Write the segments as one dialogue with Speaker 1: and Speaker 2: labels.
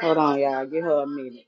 Speaker 1: Hold on, y'all. Give her a minute.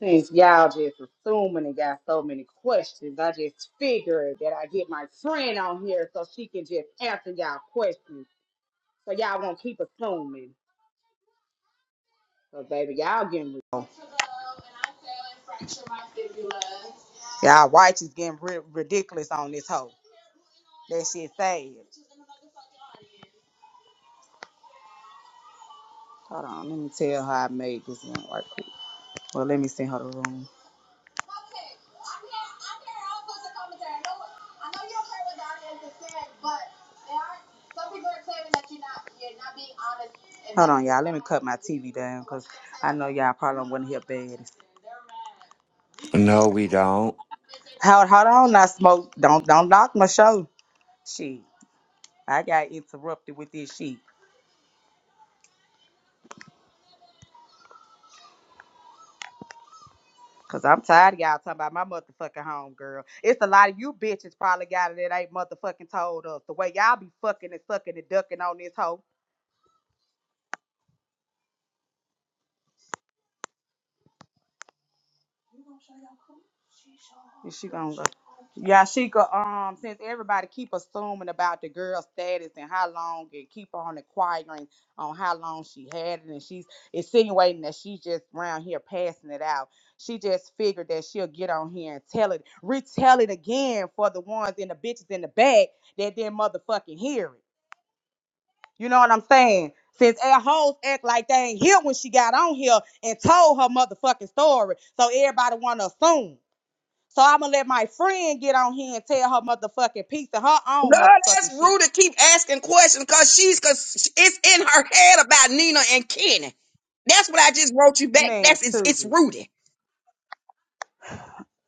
Speaker 1: Since y'all just assuming and got so many questions, I just figured that I get my friend on here so she can just answer y'all questions. So y'all won't keep assuming. So baby, y'all getting real. Y'all white is getting ri- ridiculous on this hoe. That shit sad. Hold on, let me tell her I made this one right quick. Well, let me send her the room. Hold on, y'all. Let me cut my TV down because I know y'all probably want to hear bad.
Speaker 2: No, we don't.
Speaker 1: Hold, hold on, now, smoke. Don't don't knock my show. Shit, I got interrupted with this shit. Cause I'm tired of y'all talking about my motherfucking home girl. It's a lot of you bitches probably got it that ain't motherfucking told us the way y'all be fucking and sucking and ducking on this hoe. Is she gonna go? Yeah, she could. Um, since everybody keep assuming about the girl's status and how long, and keep on inquiring on how long she had it, and she's insinuating that she's just around here passing it out. She just figured that she'll get on here and tell it, retell it again for the ones and the bitches in the back that didn't motherfucking hear it. You know what I'm saying? Since air hoes act like they ain't here when she got on here and told her motherfucking story, so everybody wanna assume. So I'm gonna let my friend get on here and tell her motherfucking piece of her own
Speaker 3: God, that's
Speaker 1: motherfucking shit.
Speaker 3: rude to keep asking questions because she's because it's in her head about Nina and Kenny. That's what I just wrote you back.
Speaker 1: Man,
Speaker 3: That's it's, it's
Speaker 1: Tootie.
Speaker 3: Rudy.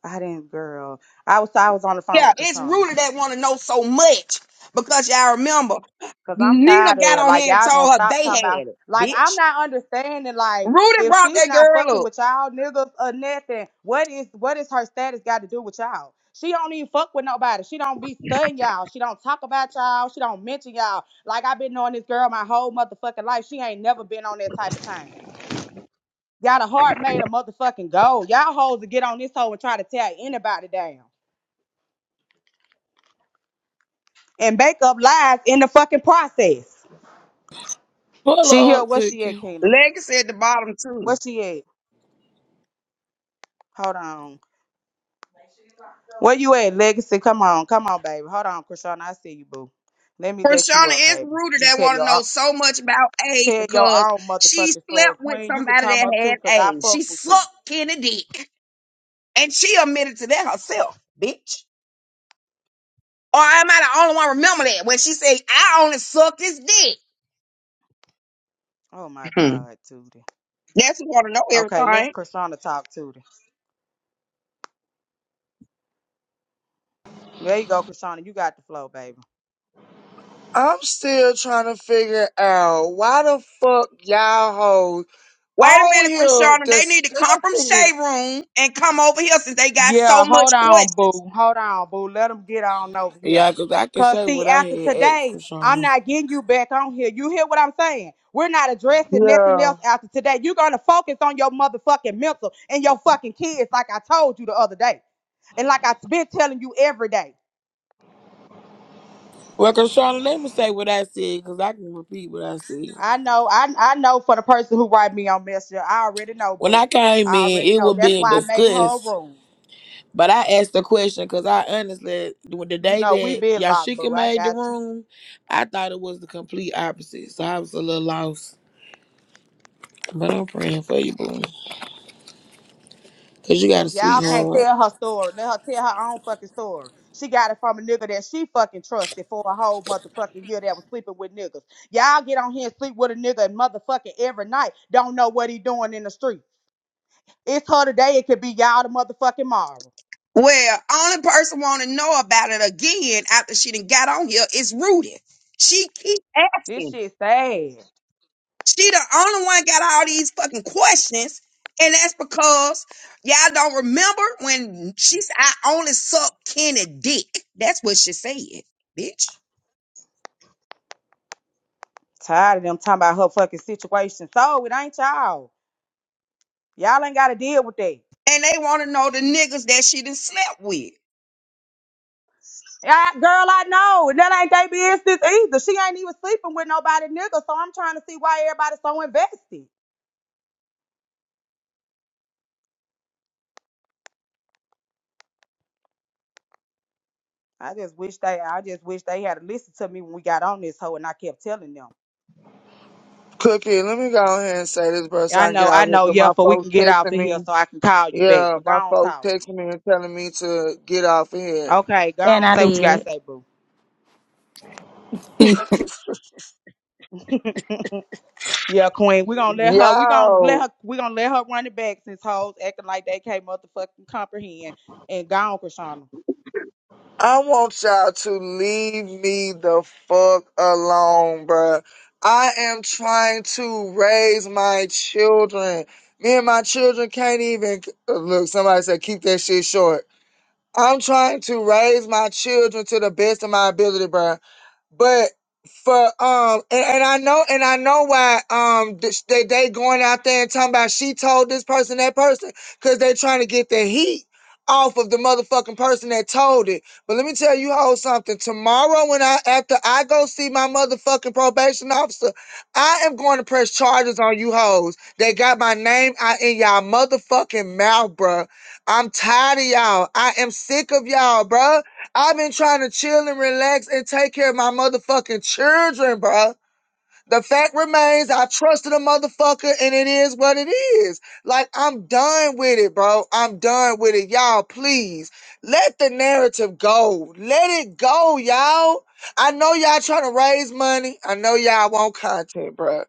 Speaker 1: I didn't, girl. I was I was on the phone
Speaker 3: Yeah,
Speaker 1: with
Speaker 3: it's
Speaker 1: Krishanda
Speaker 3: Rudy that want to know so much because y'all remember
Speaker 1: because I'm
Speaker 3: Nina
Speaker 1: tired
Speaker 3: got
Speaker 1: of it.
Speaker 3: on
Speaker 1: Like
Speaker 3: here and
Speaker 1: y'all gonna
Speaker 3: told her
Speaker 1: stop
Speaker 3: they
Speaker 1: talking
Speaker 3: had
Speaker 1: about.
Speaker 3: it,
Speaker 1: Like I'm
Speaker 3: bitch.
Speaker 1: not understanding. Like
Speaker 3: Rudy
Speaker 1: if
Speaker 3: brought
Speaker 1: she's
Speaker 3: that
Speaker 1: not
Speaker 3: girl
Speaker 1: fucking
Speaker 3: up.
Speaker 1: with y'all niggas or nothing, what is what is her status got to do with y'all? She don't even fuck with nobody. She don't be studying y'all. She don't talk about y'all. She don't mention y'all. Like I've been knowing this girl my whole motherfucking life. She ain't never been on that type of time. Got a heart made of motherfucking gold. Y'all hoes to get on this hoe and try to tear anybody down and make up lies in the fucking process.
Speaker 4: Pull
Speaker 1: She here.
Speaker 4: up,
Speaker 1: Where she at,
Speaker 4: cooking.
Speaker 1: Kena?
Speaker 3: Legacy at the bottom
Speaker 1: Where
Speaker 3: too.
Speaker 1: she at? Hold on. Where you at, Legacy? Come on, come on, baby. Hold on, Krishana. I see you, boo. Let me let you
Speaker 3: Prashana
Speaker 1: up,
Speaker 3: is
Speaker 1: baby.
Speaker 3: Rudy
Speaker 1: You
Speaker 3: that
Speaker 1: tell
Speaker 3: want to
Speaker 1: your own-
Speaker 3: know so much about age
Speaker 1: tell your
Speaker 3: because
Speaker 1: own
Speaker 3: she
Speaker 1: motherfucking
Speaker 3: slept
Speaker 1: story,
Speaker 3: with
Speaker 1: Queen. You could
Speaker 3: somebody
Speaker 1: come up too,
Speaker 3: that
Speaker 1: cause
Speaker 3: had
Speaker 1: I
Speaker 3: age. She
Speaker 1: fuck with you.
Speaker 3: sucked Kenny dick. And she admitted to that herself, bitch. Or am I the only one remember that when she said, I only suck his dick?
Speaker 1: Oh my
Speaker 3: Hmm.
Speaker 1: God, Tootie.
Speaker 3: That's who want to know
Speaker 1: Okay, let
Speaker 3: everything.
Speaker 1: Krishana talk, Tootie. There you go, Krishana. You got the flow, baby.
Speaker 5: I'm still trying to figure out why the fuck y'all hoes
Speaker 3: Wait a
Speaker 5: on
Speaker 3: minute,
Speaker 5: here
Speaker 3: Krishana. They need to come from
Speaker 5: discussing me.
Speaker 3: Shade Room and come over here since they got
Speaker 1: Yeah,
Speaker 3: so
Speaker 1: hold
Speaker 3: much
Speaker 1: on,
Speaker 3: questions.
Speaker 1: boo. Hold on, boo. Let them get on over here.
Speaker 4: Yeah, 'cause I can
Speaker 1: Cause
Speaker 4: say
Speaker 1: see,
Speaker 4: what I
Speaker 1: after
Speaker 4: had asked
Speaker 1: today, I'm
Speaker 4: Krishana.
Speaker 1: not getting you back on here. You hear what I'm saying? We're not addressing nothing
Speaker 5: Yeah.
Speaker 1: else after today. You're gonna focus on your motherfucking mental and your fucking kids, like I told you the other day, and like I've been telling you every day.
Speaker 4: Well, Krishana, let me say what I said, 'cause I can repeat what I said.
Speaker 1: I know, I I know for the person who write me on Messenger, I already know,
Speaker 4: When
Speaker 1: boo.
Speaker 4: I came
Speaker 1: I
Speaker 4: in,
Speaker 1: already
Speaker 4: it
Speaker 1: know.
Speaker 4: was
Speaker 1: That's
Speaker 4: being
Speaker 1: why I made her a
Speaker 4: discussed,
Speaker 1: room.
Speaker 4: but I asked the question because I honestly, when the
Speaker 1: You
Speaker 4: day
Speaker 1: know, we
Speaker 4: that
Speaker 1: been locked,
Speaker 4: Yashika
Speaker 1: boo. I
Speaker 4: made the
Speaker 1: got you.
Speaker 4: room, I thought it was the complete opposite. So I was a little lost. But I'm praying for you, boo. 'Cause you got a
Speaker 1: Cause y'all can't
Speaker 4: sweetheart.
Speaker 1: tell her story. Let her tell her own fucking story. She got it from a nigga that she fucking trusted for a whole motherfucking year that was sleeping with niggas. Y'all get on here and sleep with a nigga and motherfucking every night. Don't know what he doing in the street. It's her today. It could be y'all the motherfucking tomorrow.
Speaker 3: Well, only person want to know about it again after she done got on here is Rudy. She keep
Speaker 1: This
Speaker 3: asking.
Speaker 1: shit sad.
Speaker 3: She the only one got all these fucking questions, and that's because y'all don't remember when she said, "I only suck Kenny dick." That's what she said, bitch.
Speaker 1: Tired of them talking about her fucking situation. So it ain't y'all. Y'all ain't got to deal with that.
Speaker 3: And they want to know the niggas that she done slept with.
Speaker 1: Yeah, girl, I know. And that ain't they business either. She ain't even sleeping with nobody nigga. So I'm trying to see why everybody's so invested. I just wish they I just wish they had listened to me when we got on this hoe and I kept telling them.
Speaker 5: Cookie, let me go ahead and say this, bro, so
Speaker 1: I
Speaker 5: I can get
Speaker 1: know,
Speaker 5: out
Speaker 1: I
Speaker 5: of cause
Speaker 1: know, yeah,
Speaker 5: my
Speaker 1: but we can
Speaker 5: folks
Speaker 1: get off
Speaker 5: texting
Speaker 1: of here
Speaker 5: me.
Speaker 1: so I can call you back.
Speaker 5: Yeah,
Speaker 1: But go
Speaker 5: my
Speaker 1: on
Speaker 5: folks
Speaker 1: talk.
Speaker 5: texting me and telling me to get off of here.
Speaker 1: Okay, go
Speaker 6: And
Speaker 1: on
Speaker 6: I
Speaker 1: say what you gotta
Speaker 6: did.
Speaker 1: say, boo. yeah, Queen. we gonna let her we gonna let
Speaker 5: Yo,
Speaker 1: her we gonna let her run it back since hoes acting like they can't motherfucking comprehend. And go on, Krishana.
Speaker 5: I want y'all to leave me the fuck alone, bruh. I am trying to raise my children. Me and my children can't even look. Somebody said keep that shit short. I'm trying to raise my children to the best of my ability, bruh but for um and, and I know and I know why um th- they they going out there and talking about she told this person that person because they trying to get the heat off of the motherfucking person that told it. But let me tell you all something. Tomorrow when I after I go see my motherfucking probation officer, I am going to press charges on you hoes. They got my name out in y'all motherfucking mouth, bruh. I'm tired of y'all. I am sick of y'all, bruh. I've been trying to chill and relax and take care of my motherfucking children, bro. The fact remains, I trusted a motherfucker, and it is what it is. Like, I'm done with it, bro. I'm done with it. Y'all, please let the narrative go. Let it go, y'all. I know y'all trying to raise money. I know y'all want content, bro.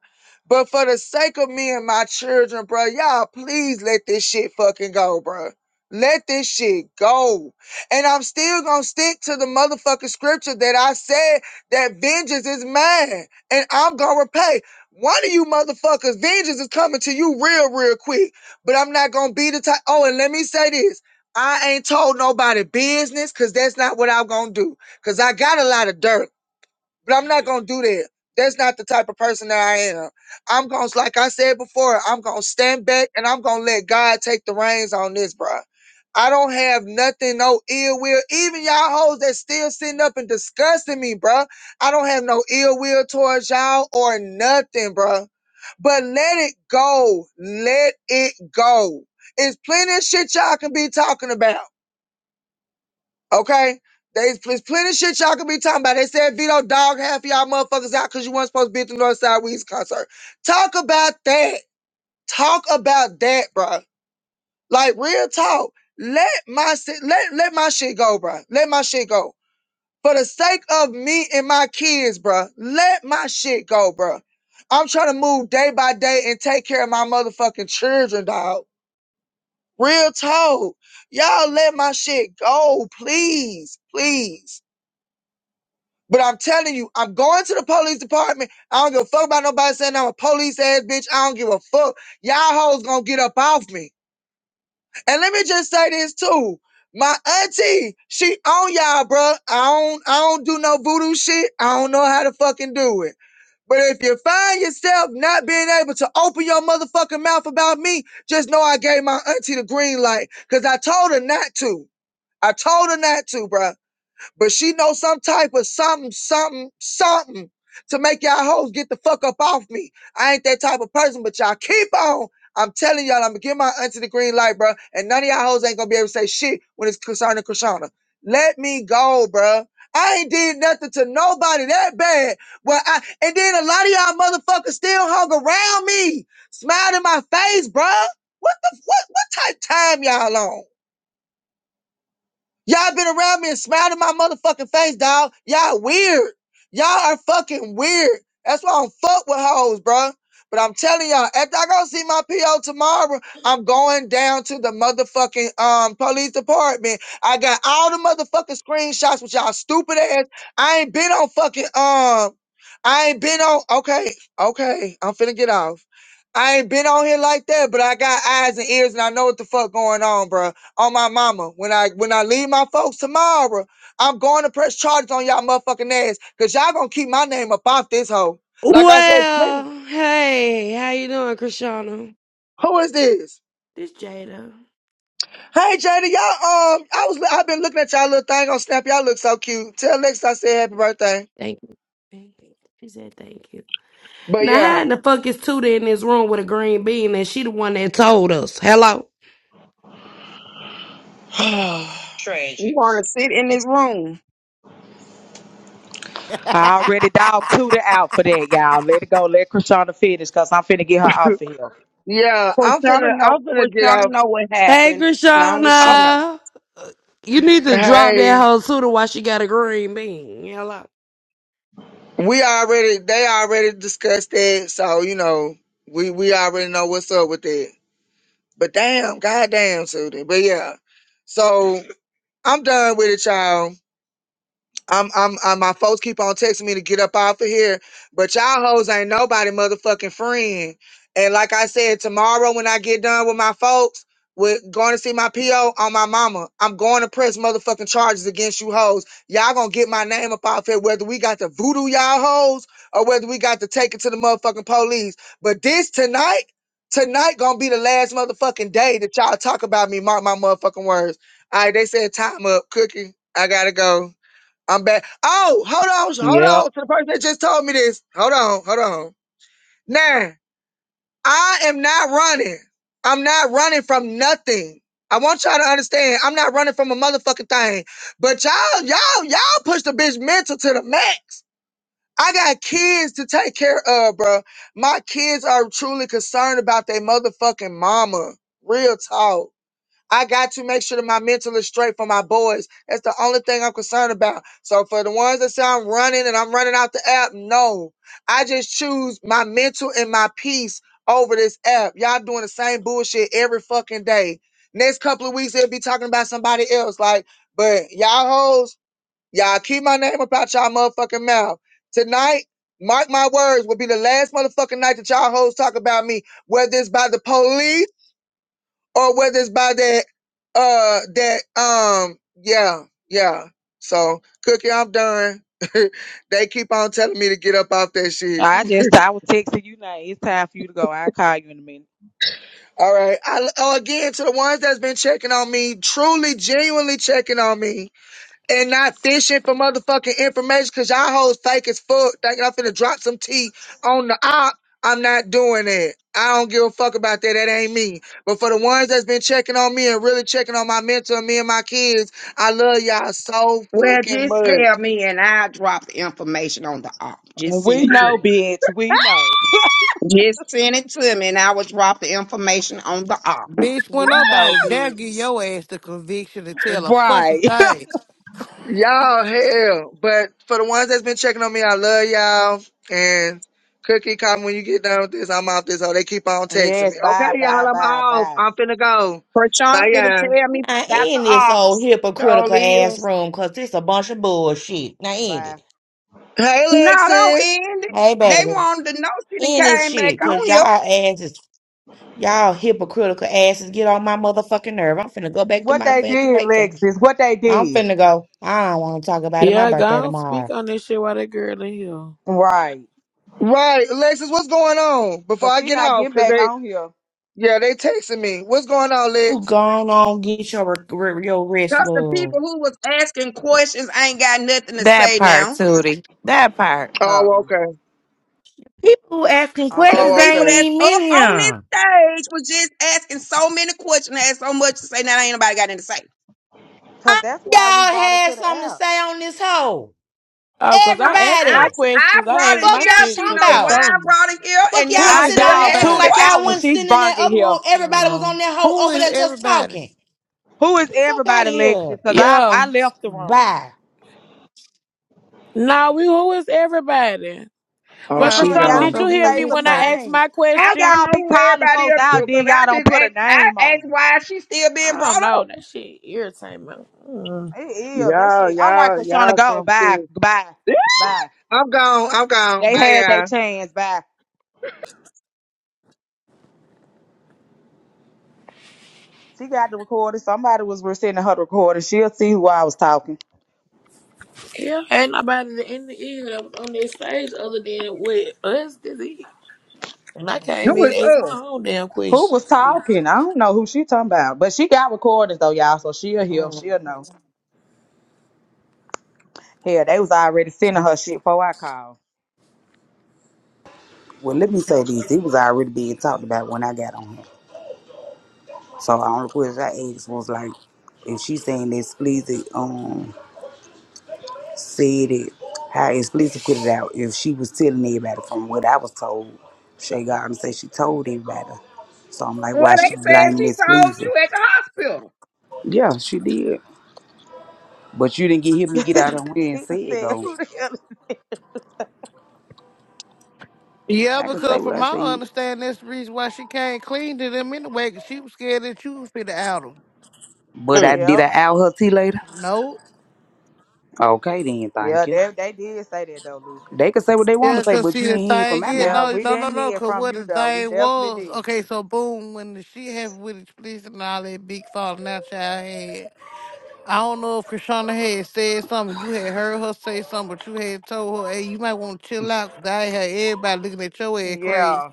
Speaker 5: But for the sake of me and my children, bro, y'all, please let this shit fucking go, bro. Let this shit go. And I'm still gonna stick to the motherfucking scripture that I said that vengeance is mine and I'm gonna repay. One of you motherfuckers, vengeance is coming to you real, real quick. But I'm not gonna be the type. Oh, and let me say this. I ain't told nobody business because that's not what I'm gonna do. Cause I got a lot of dirt but I'm not gonna do that. That's not the type of person that I am. I'm gonna, like I said before, I'm gonna stand back and I'm gonna let God take the reins on this, bro. I don't have nothing, no ill will. Even y'all hoes that still sitting up and discussing me, bro. I don't have no ill will towards y'all or nothing, bro. But let it go. Let it go. It's plenty of shit y'all can be talking about. Okay? There's pl- plenty of shit y'all could be talking about. They said Vito dog half of y'all motherfuckers out because you weren't supposed to be at the Northside Weeds concert. Talk about that. Talk about that, bro. Like real talk. Let my si- let let my shit go, bro. Let my shit go. For the sake of me and my kids, bro. Let my shit go, bro. I'm trying to move day by day and take care of my motherfucking children, dog. Real talk. Y'all let my shit go, please, please. But I'm telling you, I'm going to the police department. I don't give a fuck about nobody saying I'm a police ass bitch. I don't give a fuck. Y'all hoes gonna get up off me. And let me just say this too. My auntie, she on y'all, bruh. I don't, I don't do no voodoo shit. I don't know how to fucking do it. But if you find yourself not being able to open your motherfucking mouth about me, just know I gave my auntie the green light because I told her not to. I told her not to, bruh. But she know some type of something, something, something to make y'all hoes get the fuck up off me. I ain't that type of person, but y'all keep on. I'm telling y'all, I'm gonna give my auntie the green light, bro. And none of y'all hoes ain't gonna be able to say shit when it's concerning Krishana. Let me go, bro. I ain't did nothing to nobody that bad. Well, I and then a lot of y'all motherfuckers still hung around me, smiled in my face, bro. What the what what type time y'all on? Y'all been around me and smiled in my motherfucking face, dog. Y'all weird. Y'all are fucking weird. That's why I don't fuck with hoes, bro. But I'm telling y'all, after I go see my PO tomorrow, I'm going down to the motherfucking um police department. I got all the motherfucking screenshots with y'all stupid ass. I ain't been on fucking um. I ain't been on. Okay, okay. I'm finna get off. I ain't been on here like that, but I got eyes and ears and I know what the fuck going on, bro on my mama. When I when I leave my folks tomorrow, I'm going to press charges on y'all motherfucking ass. Cause y'all gonna keep my name up off this hoe. Like I said, clearly.
Speaker 7: Well, hey, how you doing, Krishana?
Speaker 5: Who is this?
Speaker 7: This Jada.
Speaker 5: Hey Jada, y'all um I was I've been looking at y'all little thing on Snap. Y'all look so cute. Tell Lex I said happy birthday.
Speaker 7: Thank you. She said thank you.
Speaker 5: But
Speaker 7: Now,
Speaker 5: yeah.
Speaker 7: how in the fuck is Tuda in this room with a green bean and she the one that told us? Hello?
Speaker 3: We
Speaker 7: Tragic.
Speaker 3: want to sit in this room.
Speaker 1: I already dog tooted out for that, y'all. Let it go. Let Krishana finish because I'm finna get her off of here.
Speaker 5: yeah, I'm
Speaker 3: Christiana
Speaker 5: finna
Speaker 3: know.
Speaker 5: I'm finna get
Speaker 3: Christiana
Speaker 5: off
Speaker 3: know what
Speaker 7: Hey,
Speaker 3: happened. Long as she
Speaker 5: I'm,
Speaker 3: know.
Speaker 7: Krishana. You need to drop that
Speaker 5: hey.
Speaker 7: whole Tuda while she got a green bean. Hello?
Speaker 5: We already they already discussed that, so you know, we we already know what's up with that. But damn, goddamn, Suda. But yeah. So I'm done with it, y'all. I'm, I'm, i my folks keep on texting me to get up off of here, but y'all hoes ain't nobody motherfucking friend. And like I said, tomorrow when I get done with my folks, with going to see my PO on my mama, I'm going to press motherfucking charges against you hoes. Y'all gonna get my name up off here, whether we got to voodoo y'all hoes or whether we got to take it to the motherfucking police. But this tonight, tonight gonna be the last motherfucking day that y'all talk about me. Mark my motherfucking words. All right, they said time up, cookie. I gotta go. I'm back. Oh, hold on, hold
Speaker 1: Yep.
Speaker 5: on to the person that just told me this. Hold on, hold on. Now, I am not running. I'm not running from nothing. I want y'all to understand. I'm not running from a motherfucking thing. But y'all, y'all, y'all push the bitch mental to the max. I got kids to take care of, bro. My kids are truly concerned about their motherfucking mama. Real talk. I got to make sure that my mental is straight for my boys. That's the only thing I'm concerned about. So for the ones that say I'm running and I'm running out the app, no. I just choose my mental and my peace over this app. Y'all doing the same bullshit every fucking day. Next couple of weeks, they'll be talking about somebody else. Like, but y'all hoes, y'all keep my name up out y'all motherfucking mouth. Tonight, mark my words, will be the last motherfucking night that y'all hoes talk about me, whether it's by the police or whether it's by that uh that um yeah yeah so cookie i'm done they keep on telling me to get up off that shit
Speaker 1: I just I was texting you now. It's time for you to go. I'll call you in a minute.
Speaker 5: all right I, oh, again to the ones that's been checking on me truly genuinely checking on me and not fishing for motherfucking information because y'all hoes fake as fuck. Thinking I'm finna drop some tea on the op. I'm not doing that. I don't give a fuck about that. That ain't me. But for the ones that's been checking on me and really checking on my mentor, me and my kids, I love y'all so
Speaker 3: Well,
Speaker 5: fucking
Speaker 3: just tell
Speaker 5: much.
Speaker 3: me, and I'll drop the information on the op. Just send
Speaker 1: We
Speaker 3: it to
Speaker 1: know,
Speaker 3: me.
Speaker 1: bitch. We know.
Speaker 3: Just send it to me, and I will drop the information on the op.
Speaker 8: Bitch, when
Speaker 1: We know,
Speaker 8: nobody dare give
Speaker 1: bitch.
Speaker 8: your ass the conviction to tell a fucking
Speaker 1: Right.
Speaker 8: thing.
Speaker 5: Y'all hell. But for the ones that's been checking on me, I love y'all. And Cookie, come when you get done with this. I'm off this hole. They keep on texting me.
Speaker 1: Yes,
Speaker 5: Okay,
Speaker 1: bye,
Speaker 5: y'all,
Speaker 1: bye,
Speaker 5: I'm
Speaker 1: bye,
Speaker 5: off.
Speaker 1: bye,
Speaker 5: I'm finna go.
Speaker 3: Krishan
Speaker 5: Bye,
Speaker 3: finna
Speaker 5: y'all.
Speaker 3: tell me
Speaker 7: Now
Speaker 3: about the
Speaker 7: in this old
Speaker 3: ops. Show
Speaker 7: hypocritical ass
Speaker 3: is.
Speaker 7: room, cause this a bunch of bullshit. Now end
Speaker 1: bye.
Speaker 7: it.
Speaker 5: Hey,
Speaker 3: No, don't
Speaker 5: Lexus.
Speaker 3: end it.
Speaker 7: Hey
Speaker 3: They
Speaker 7: baby,
Speaker 3: wanted to know she done
Speaker 7: end this
Speaker 3: came back
Speaker 7: shit, cause
Speaker 3: on
Speaker 7: y'all
Speaker 3: here.
Speaker 7: asses Y'all hypocritical asses get on my motherfucking nerve. I'm finna go back to
Speaker 1: What
Speaker 7: my
Speaker 1: they
Speaker 7: fucking
Speaker 1: did,
Speaker 7: vacation.
Speaker 1: Lexis, what they
Speaker 7: I'm
Speaker 1: did.
Speaker 7: finna go. I don't want to talk about it. My
Speaker 4: Yeah, go
Speaker 7: birthday
Speaker 4: on, speak
Speaker 7: tomorrow.
Speaker 4: on this shit while that girl in here.
Speaker 1: Right.
Speaker 5: Right, Lexus, what's going on? Before
Speaker 1: Cause
Speaker 5: I
Speaker 1: she
Speaker 5: get
Speaker 1: not
Speaker 5: off,
Speaker 1: getting
Speaker 5: cause
Speaker 1: back
Speaker 5: they,
Speaker 1: on here.
Speaker 5: yeah, they texting me. What's going on,
Speaker 7: You
Speaker 5: Lex?
Speaker 7: gone on get your re- re- your rest,
Speaker 3: Cause the
Speaker 7: love.
Speaker 3: people who was asking questions ain't got nothing to
Speaker 6: that
Speaker 3: say
Speaker 6: part,
Speaker 3: now.
Speaker 6: Tootie. That part.
Speaker 5: Oh,
Speaker 1: Oh,
Speaker 5: okay.
Speaker 7: People asking
Speaker 3: The
Speaker 7: questions
Speaker 1: okay.
Speaker 5: Oh,
Speaker 7: they
Speaker 3: people
Speaker 7: ain't
Speaker 5: okay.
Speaker 3: that's
Speaker 7: even in
Speaker 3: up on this
Speaker 7: here.
Speaker 3: stage was just asking so many questions, they had so much to say. Now ain't nobody got anything to say.
Speaker 1: Cause
Speaker 7: I
Speaker 1: that's why we
Speaker 7: y'all
Speaker 1: brought her
Speaker 7: had
Speaker 1: to the
Speaker 7: something to
Speaker 1: app.
Speaker 7: say on this hoe.
Speaker 4: Oh, 'cause
Speaker 3: I,
Speaker 4: I asked
Speaker 3: I,
Speaker 4: my
Speaker 7: Everybody,
Speaker 3: I
Speaker 4: questions. I
Speaker 3: brought
Speaker 4: asked
Speaker 3: it
Speaker 7: fuck
Speaker 4: my
Speaker 3: here.
Speaker 7: y'all
Speaker 4: shit
Speaker 7: talking
Speaker 3: She
Speaker 4: to
Speaker 3: know why
Speaker 7: about.
Speaker 3: I
Speaker 4: Krishana.
Speaker 3: brought it here,
Speaker 7: Fuck
Speaker 3: and
Speaker 7: y'all
Speaker 8: Who
Speaker 3: y'all
Speaker 1: I
Speaker 8: is
Speaker 7: sitting
Speaker 3: still
Speaker 7: on here
Speaker 1: dog
Speaker 3: asking
Speaker 7: acting
Speaker 1: to the
Speaker 7: like
Speaker 8: everybody?
Speaker 1: out
Speaker 7: y'all
Speaker 1: when
Speaker 3: questions.
Speaker 7: wasn't
Speaker 1: she
Speaker 7: sitting in
Speaker 1: brung
Speaker 7: that
Speaker 1: it
Speaker 7: other room.
Speaker 1: here.
Speaker 7: Everybody was on
Speaker 4: Oh.
Speaker 7: that hoe
Speaker 8: Who
Speaker 7: over
Speaker 8: is
Speaker 7: there just
Speaker 8: everybody?
Speaker 7: talking.
Speaker 1: Who is
Speaker 7: Get the fuck out of
Speaker 1: everybody,
Speaker 7: here.
Speaker 1: Lexis? Cause I
Speaker 4: Yeah.
Speaker 1: I left the room.
Speaker 7: Bye.
Speaker 4: Nah, we who is everybody?
Speaker 5: Oh,
Speaker 4: Well,
Speaker 8: Right, I
Speaker 5: she
Speaker 1: Uh-uh.
Speaker 8: really
Speaker 4: Krishana,
Speaker 8: want
Speaker 1: Y'all
Speaker 5: gone.
Speaker 4: did
Speaker 8: to know
Speaker 4: you
Speaker 1: need to
Speaker 8: who
Speaker 4: hear
Speaker 8: is
Speaker 1: say
Speaker 4: me
Speaker 1: some
Speaker 4: when I
Speaker 8: everybody.
Speaker 4: asked
Speaker 1: names.
Speaker 4: my
Speaker 1: How
Speaker 3: I
Speaker 4: question?
Speaker 3: want to
Speaker 1: y'all
Speaker 3: know
Speaker 1: be
Speaker 3: who
Speaker 1: calling
Speaker 3: everybody
Speaker 1: folks
Speaker 3: is too,
Speaker 1: out there?
Speaker 3: cause
Speaker 1: Y'all
Speaker 3: I
Speaker 1: don't
Speaker 3: just
Speaker 1: put a
Speaker 3: asked,
Speaker 1: name
Speaker 3: I
Speaker 1: on
Speaker 3: asked
Speaker 1: 'em?
Speaker 3: why she still being
Speaker 4: I don't
Speaker 3: brought
Speaker 4: know.
Speaker 3: up.
Speaker 4: That shit irritate me. Mm.
Speaker 1: It is that
Speaker 5: Y'all, Yeah,
Speaker 1: shit. All right,
Speaker 5: yeah, yeah.
Speaker 1: Krishana, go.
Speaker 5: Some
Speaker 1: Bye,
Speaker 5: serious.
Speaker 1: bye, bye.
Speaker 5: I'm gone. I'm gone.
Speaker 1: They
Speaker 5: Bye,
Speaker 1: had their
Speaker 5: y'all.
Speaker 1: chance. Bye. She got the recording. Somebody was sending her the recording. She'll see who I was talking.
Speaker 4: Yeah, ain't nobody in the end that was on this stage other than with us, did it? And I
Speaker 3: No, It
Speaker 4: came
Speaker 3: was,
Speaker 4: in and asked my
Speaker 3: uh,
Speaker 4: own damn
Speaker 1: Who
Speaker 4: question.
Speaker 1: was talking? I don't know who she talking about, but she got recordings though, y'all. So she'll hear. She'll know. Hell, they was already sending her shit before I called.
Speaker 9: Well, let me say this. It was already being talked about when I got on here. So the only question I asked was like, if she's saying that explicit um said it, how explicit put it out. If she was telling everybody from what I was told, Shay Garden said she told everybody. So I'm like,
Speaker 3: well,
Speaker 9: why she
Speaker 3: they said
Speaker 9: blaming
Speaker 3: she told
Speaker 9: explicit?
Speaker 3: you at the hospital.
Speaker 9: Yeah, she did. But you didn't get hear me get out on here and
Speaker 1: she done
Speaker 9: say it
Speaker 1: said,
Speaker 9: though.
Speaker 1: "Who the hell?" is-"
Speaker 8: Yeah,
Speaker 9: I could say
Speaker 8: because
Speaker 9: what
Speaker 8: from
Speaker 9: I
Speaker 8: my
Speaker 9: said.
Speaker 8: understanding, that's the reason why she came clean to them anyway, because she was scared that you was finna out them.
Speaker 9: But I
Speaker 3: Mm.
Speaker 9: did
Speaker 1: Yep.
Speaker 9: I out her tea later?
Speaker 8: No.
Speaker 9: Okay then,
Speaker 1: Yeah,
Speaker 9: thank you.
Speaker 1: they they did say that though, Lucy.
Speaker 9: They could say what they want
Speaker 8: Yeah,
Speaker 9: to say,
Speaker 8: because
Speaker 9: but
Speaker 8: see,
Speaker 9: you
Speaker 8: the
Speaker 9: ain't hear it from
Speaker 8: thing
Speaker 9: my
Speaker 8: is,
Speaker 9: mouth.
Speaker 1: Yeah,
Speaker 8: no,
Speaker 1: we
Speaker 8: no, no,
Speaker 1: didn't
Speaker 8: no,
Speaker 1: hear
Speaker 8: because
Speaker 1: from
Speaker 8: what
Speaker 1: you
Speaker 8: the
Speaker 1: though. We
Speaker 8: thing was,
Speaker 1: definitely
Speaker 8: okay, so boom, when the shit happened with the police and all that big falling out your head, I don't know if Krishana had said something. You had heard her say something, but you had told her, hey, you might want to chill out because I had everybody looking at your head
Speaker 1: did.
Speaker 8: crazy.
Speaker 1: Yeah.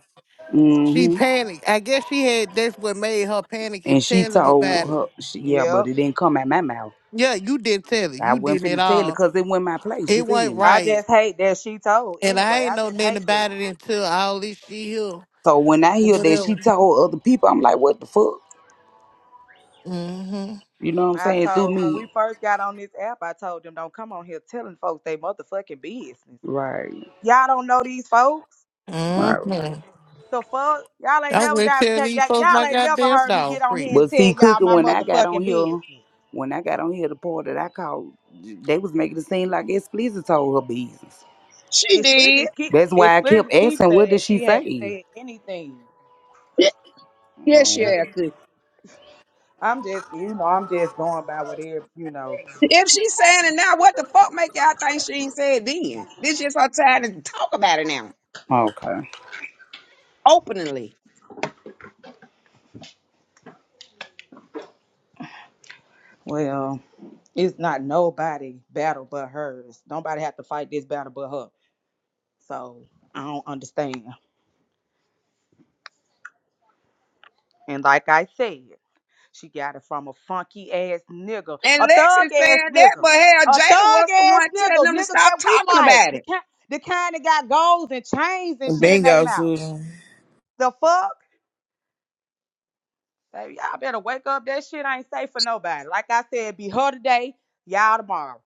Speaker 8: She
Speaker 9: Mhm.
Speaker 8: panicked. I guess she had, that's what made her panic
Speaker 9: And
Speaker 8: and
Speaker 9: she
Speaker 8: tell him about
Speaker 9: told her,
Speaker 8: it.
Speaker 9: she, yeah, but
Speaker 1: Yep.
Speaker 9: it didn't come out my mouth.
Speaker 8: Yeah, you didn't tell it.
Speaker 9: I
Speaker 8: You
Speaker 9: wasn't
Speaker 8: didn't at
Speaker 9: finna tell it
Speaker 8: all.
Speaker 9: because it wasn't my place, you
Speaker 8: It wasn't
Speaker 9: feel me?
Speaker 1: I
Speaker 8: right.
Speaker 1: just hate that she told
Speaker 8: And I
Speaker 1: anyway.
Speaker 8: ain't
Speaker 1: I
Speaker 8: know
Speaker 1: just
Speaker 8: nothing
Speaker 1: hate that.
Speaker 8: about it until all this shit here.
Speaker 9: So when I hear that she
Speaker 8: Whatever.
Speaker 9: told other people, I'm like, what the fuck?
Speaker 8: Mm-hmm.
Speaker 9: You know what I'm
Speaker 1: I
Speaker 9: saying? Through
Speaker 1: told when we
Speaker 9: me.
Speaker 1: first got on this app, I told them don't come on here telling folks they motherfucking business.
Speaker 9: Right,
Speaker 1: Y'all don't know these folks.
Speaker 9: right.
Speaker 8: Mm-hmm.
Speaker 1: The fuck? Y'all ain't
Speaker 8: I
Speaker 1: never
Speaker 8: went
Speaker 1: got,
Speaker 8: tell
Speaker 1: got,
Speaker 8: these
Speaker 1: got
Speaker 8: folks
Speaker 1: y'all
Speaker 8: my
Speaker 1: ain't never
Speaker 8: goddamn
Speaker 1: heard me get
Speaker 8: dog
Speaker 1: on here
Speaker 8: pregnant.
Speaker 1: and
Speaker 9: But
Speaker 1: tell
Speaker 9: see,
Speaker 1: y'all
Speaker 9: cooking,
Speaker 1: my
Speaker 9: when I got on
Speaker 1: motherfucking
Speaker 9: here,
Speaker 1: business.
Speaker 9: when I got on here, the part that I called, they was making it seem like explicit told her business.
Speaker 3: She
Speaker 1: It's
Speaker 3: did.
Speaker 1: Splendid keep
Speaker 9: That's why
Speaker 1: it's
Speaker 9: I kept
Speaker 1: Splendid keep
Speaker 9: asking, what did
Speaker 1: saying
Speaker 9: she
Speaker 1: she haven't
Speaker 9: say?
Speaker 1: said anything.
Speaker 3: Yeah, yes,
Speaker 9: Oh,
Speaker 3: she had could.
Speaker 1: I'm just you know, I'm just going by whatever, you know,
Speaker 3: If she's saying it now, what the fuck make y'all think she ain't said then? This is her time to talk about it now,
Speaker 9: okay.
Speaker 3: openly.
Speaker 1: well, it's not nobody battle but hers. Nobody have to fight this battle but her. So I don't understand. And like I said, she got it from a funky ass nigga,
Speaker 3: And
Speaker 1: a
Speaker 3: Lex
Speaker 1: thug
Speaker 3: is
Speaker 1: ass
Speaker 3: saying that,
Speaker 1: nigga,
Speaker 3: but hell,
Speaker 1: a
Speaker 3: Jada
Speaker 1: thug
Speaker 3: was the
Speaker 1: ass
Speaker 3: one telling
Speaker 1: nigga,
Speaker 3: them to
Speaker 1: niggas
Speaker 3: stop
Speaker 1: that we
Speaker 3: talking
Speaker 1: like,
Speaker 3: about
Speaker 1: the
Speaker 3: it.
Speaker 1: kind, the kind that got golds and chains and shit in their
Speaker 4: Bingo,
Speaker 1: mouth.
Speaker 4: Susan.
Speaker 1: The fuck? Baby, y'all better wake up. That shit ain't safe for nobody. Like I said, be her today, y'all tomorrow.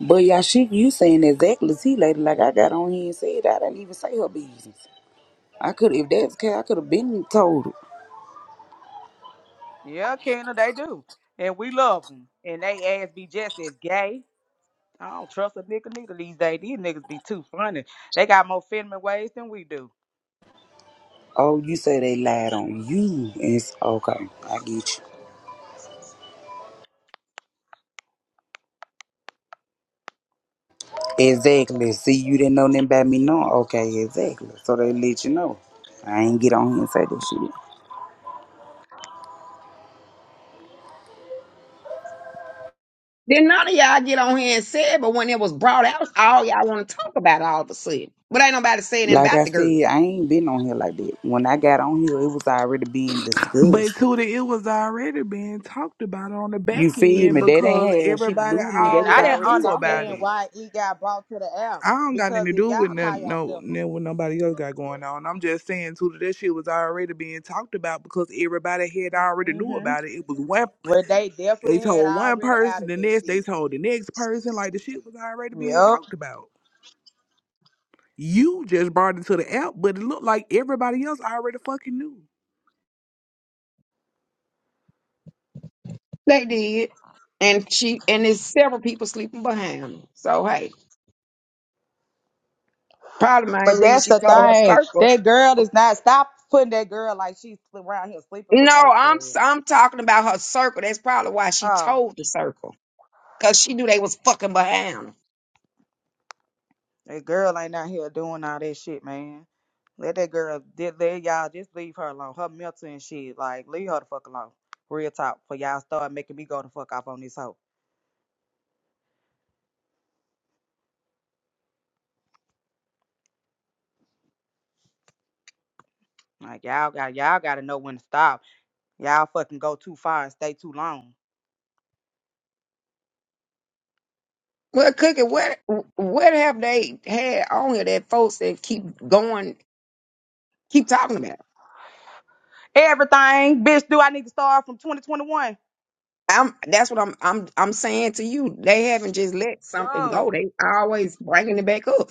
Speaker 9: But yeah, she, you saying exactly, see, lady, like I got on here and said, I didn't even say her business. I could if that's the case, I could have been told.
Speaker 1: Yeah, Kendra, they do. And we love them. And they ass be just as gay. I don't trust a nigga neither these days. These niggas be too funny. They got more feminine ways than we do.
Speaker 9: Oh, you say they lied on you. It's okay. I get you. Exactly. See, you didn't know nothing about me. No. Okay. Exactly. So they let you know. I ain't get on here and say that shit.
Speaker 3: Then none of y'all get on here and say it, but when it was brought out, all y'all want to talk about it all of a sudden. But ain't nobody saying anything
Speaker 9: Like
Speaker 3: about
Speaker 9: I
Speaker 3: the girl.
Speaker 9: said, I ain't been on here like that. When I got on here, it was already being
Speaker 10: But
Speaker 9: discussed.
Speaker 10: Tootie, it was already being talked about on the
Speaker 9: You
Speaker 10: back
Speaker 9: feel
Speaker 10: end
Speaker 9: me? They didn't
Speaker 10: because
Speaker 9: have shit to
Speaker 10: everybody
Speaker 9: do with me. They
Speaker 1: And
Speaker 9: was
Speaker 1: I
Speaker 10: already
Speaker 1: didn't
Speaker 9: already
Speaker 10: knew
Speaker 9: talking about
Speaker 10: about
Speaker 1: understand
Speaker 10: it.
Speaker 9: that.
Speaker 1: why it got brought to the app
Speaker 10: I don't got nothing
Speaker 1: because
Speaker 10: to
Speaker 1: if
Speaker 10: do with
Speaker 1: y'all call
Speaker 10: nothing, no,
Speaker 1: yourself,
Speaker 10: nothing what nobody else got going on. I'm just saying, Tootie, that shit was already being talked about because everybody had already knew
Speaker 1: mm-hmm,
Speaker 10: about it. It was one,
Speaker 1: well, they
Speaker 10: they
Speaker 1: definitely had
Speaker 10: told one
Speaker 1: already out
Speaker 10: person,
Speaker 1: of
Speaker 10: the
Speaker 1: that
Speaker 10: next, they
Speaker 1: shit.
Speaker 10: told the next person. Like, the shit was already being
Speaker 1: Yep.
Speaker 10: talked about. You just brought it to the app, but it looked like everybody else already fucking knew.
Speaker 3: They did. And she and there's several people sleeping behind. her. So hey. Probably my
Speaker 1: But
Speaker 3: reason
Speaker 1: that's
Speaker 3: she
Speaker 1: the
Speaker 3: told her
Speaker 1: thing.
Speaker 3: circle.
Speaker 1: That girl is not. Stop putting that girl like she's around here sleeping
Speaker 3: No,
Speaker 1: with folks.
Speaker 3: I'm
Speaker 1: Girl.
Speaker 3: I'm talking about her circle. That's probably why she
Speaker 1: Oh,
Speaker 3: told the circle because she knew they was fucking behind. her.
Speaker 1: that girl ain't out here doing all that shit, man. Let that girl. Let let y'all just leave her alone. Her mental and shit. Like leave her the fuck alone. Real talk. For y'all start making me go the fuck off on this hoe. Like y'all got y'all got to know when to stop. Y'all fucking go too far and stay too long.
Speaker 3: Well, Cookie, what what have they had on here that folks that keep going, keep talking about?
Speaker 1: Everything, bitch, do I need to start from 2021?
Speaker 3: I'm that's what I'm I'm I'm saying to you. They haven't just let something go.
Speaker 1: Go.
Speaker 3: They always bringing it back up.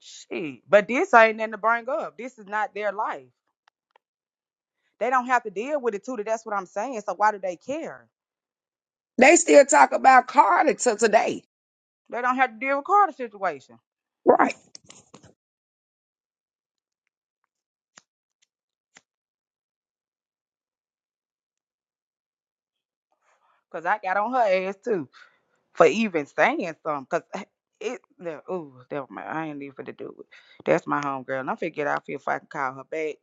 Speaker 1: Shit. But this ain't nothing to bring up. This is not their life. They don't have to deal with it too. That's what I'm saying. So why do they care?
Speaker 3: They still talk about Carter to today.
Speaker 1: They don't have to deal with Carter's situation.
Speaker 3: right?
Speaker 1: Cause I got on her ass too for even saying something. Cause it, no, ooh, never mind. I ain't even to do it. That's my homegirl. And I'm finna get out here if I can call her back.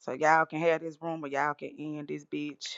Speaker 1: So y'all can have this room or y'all can end this bitch.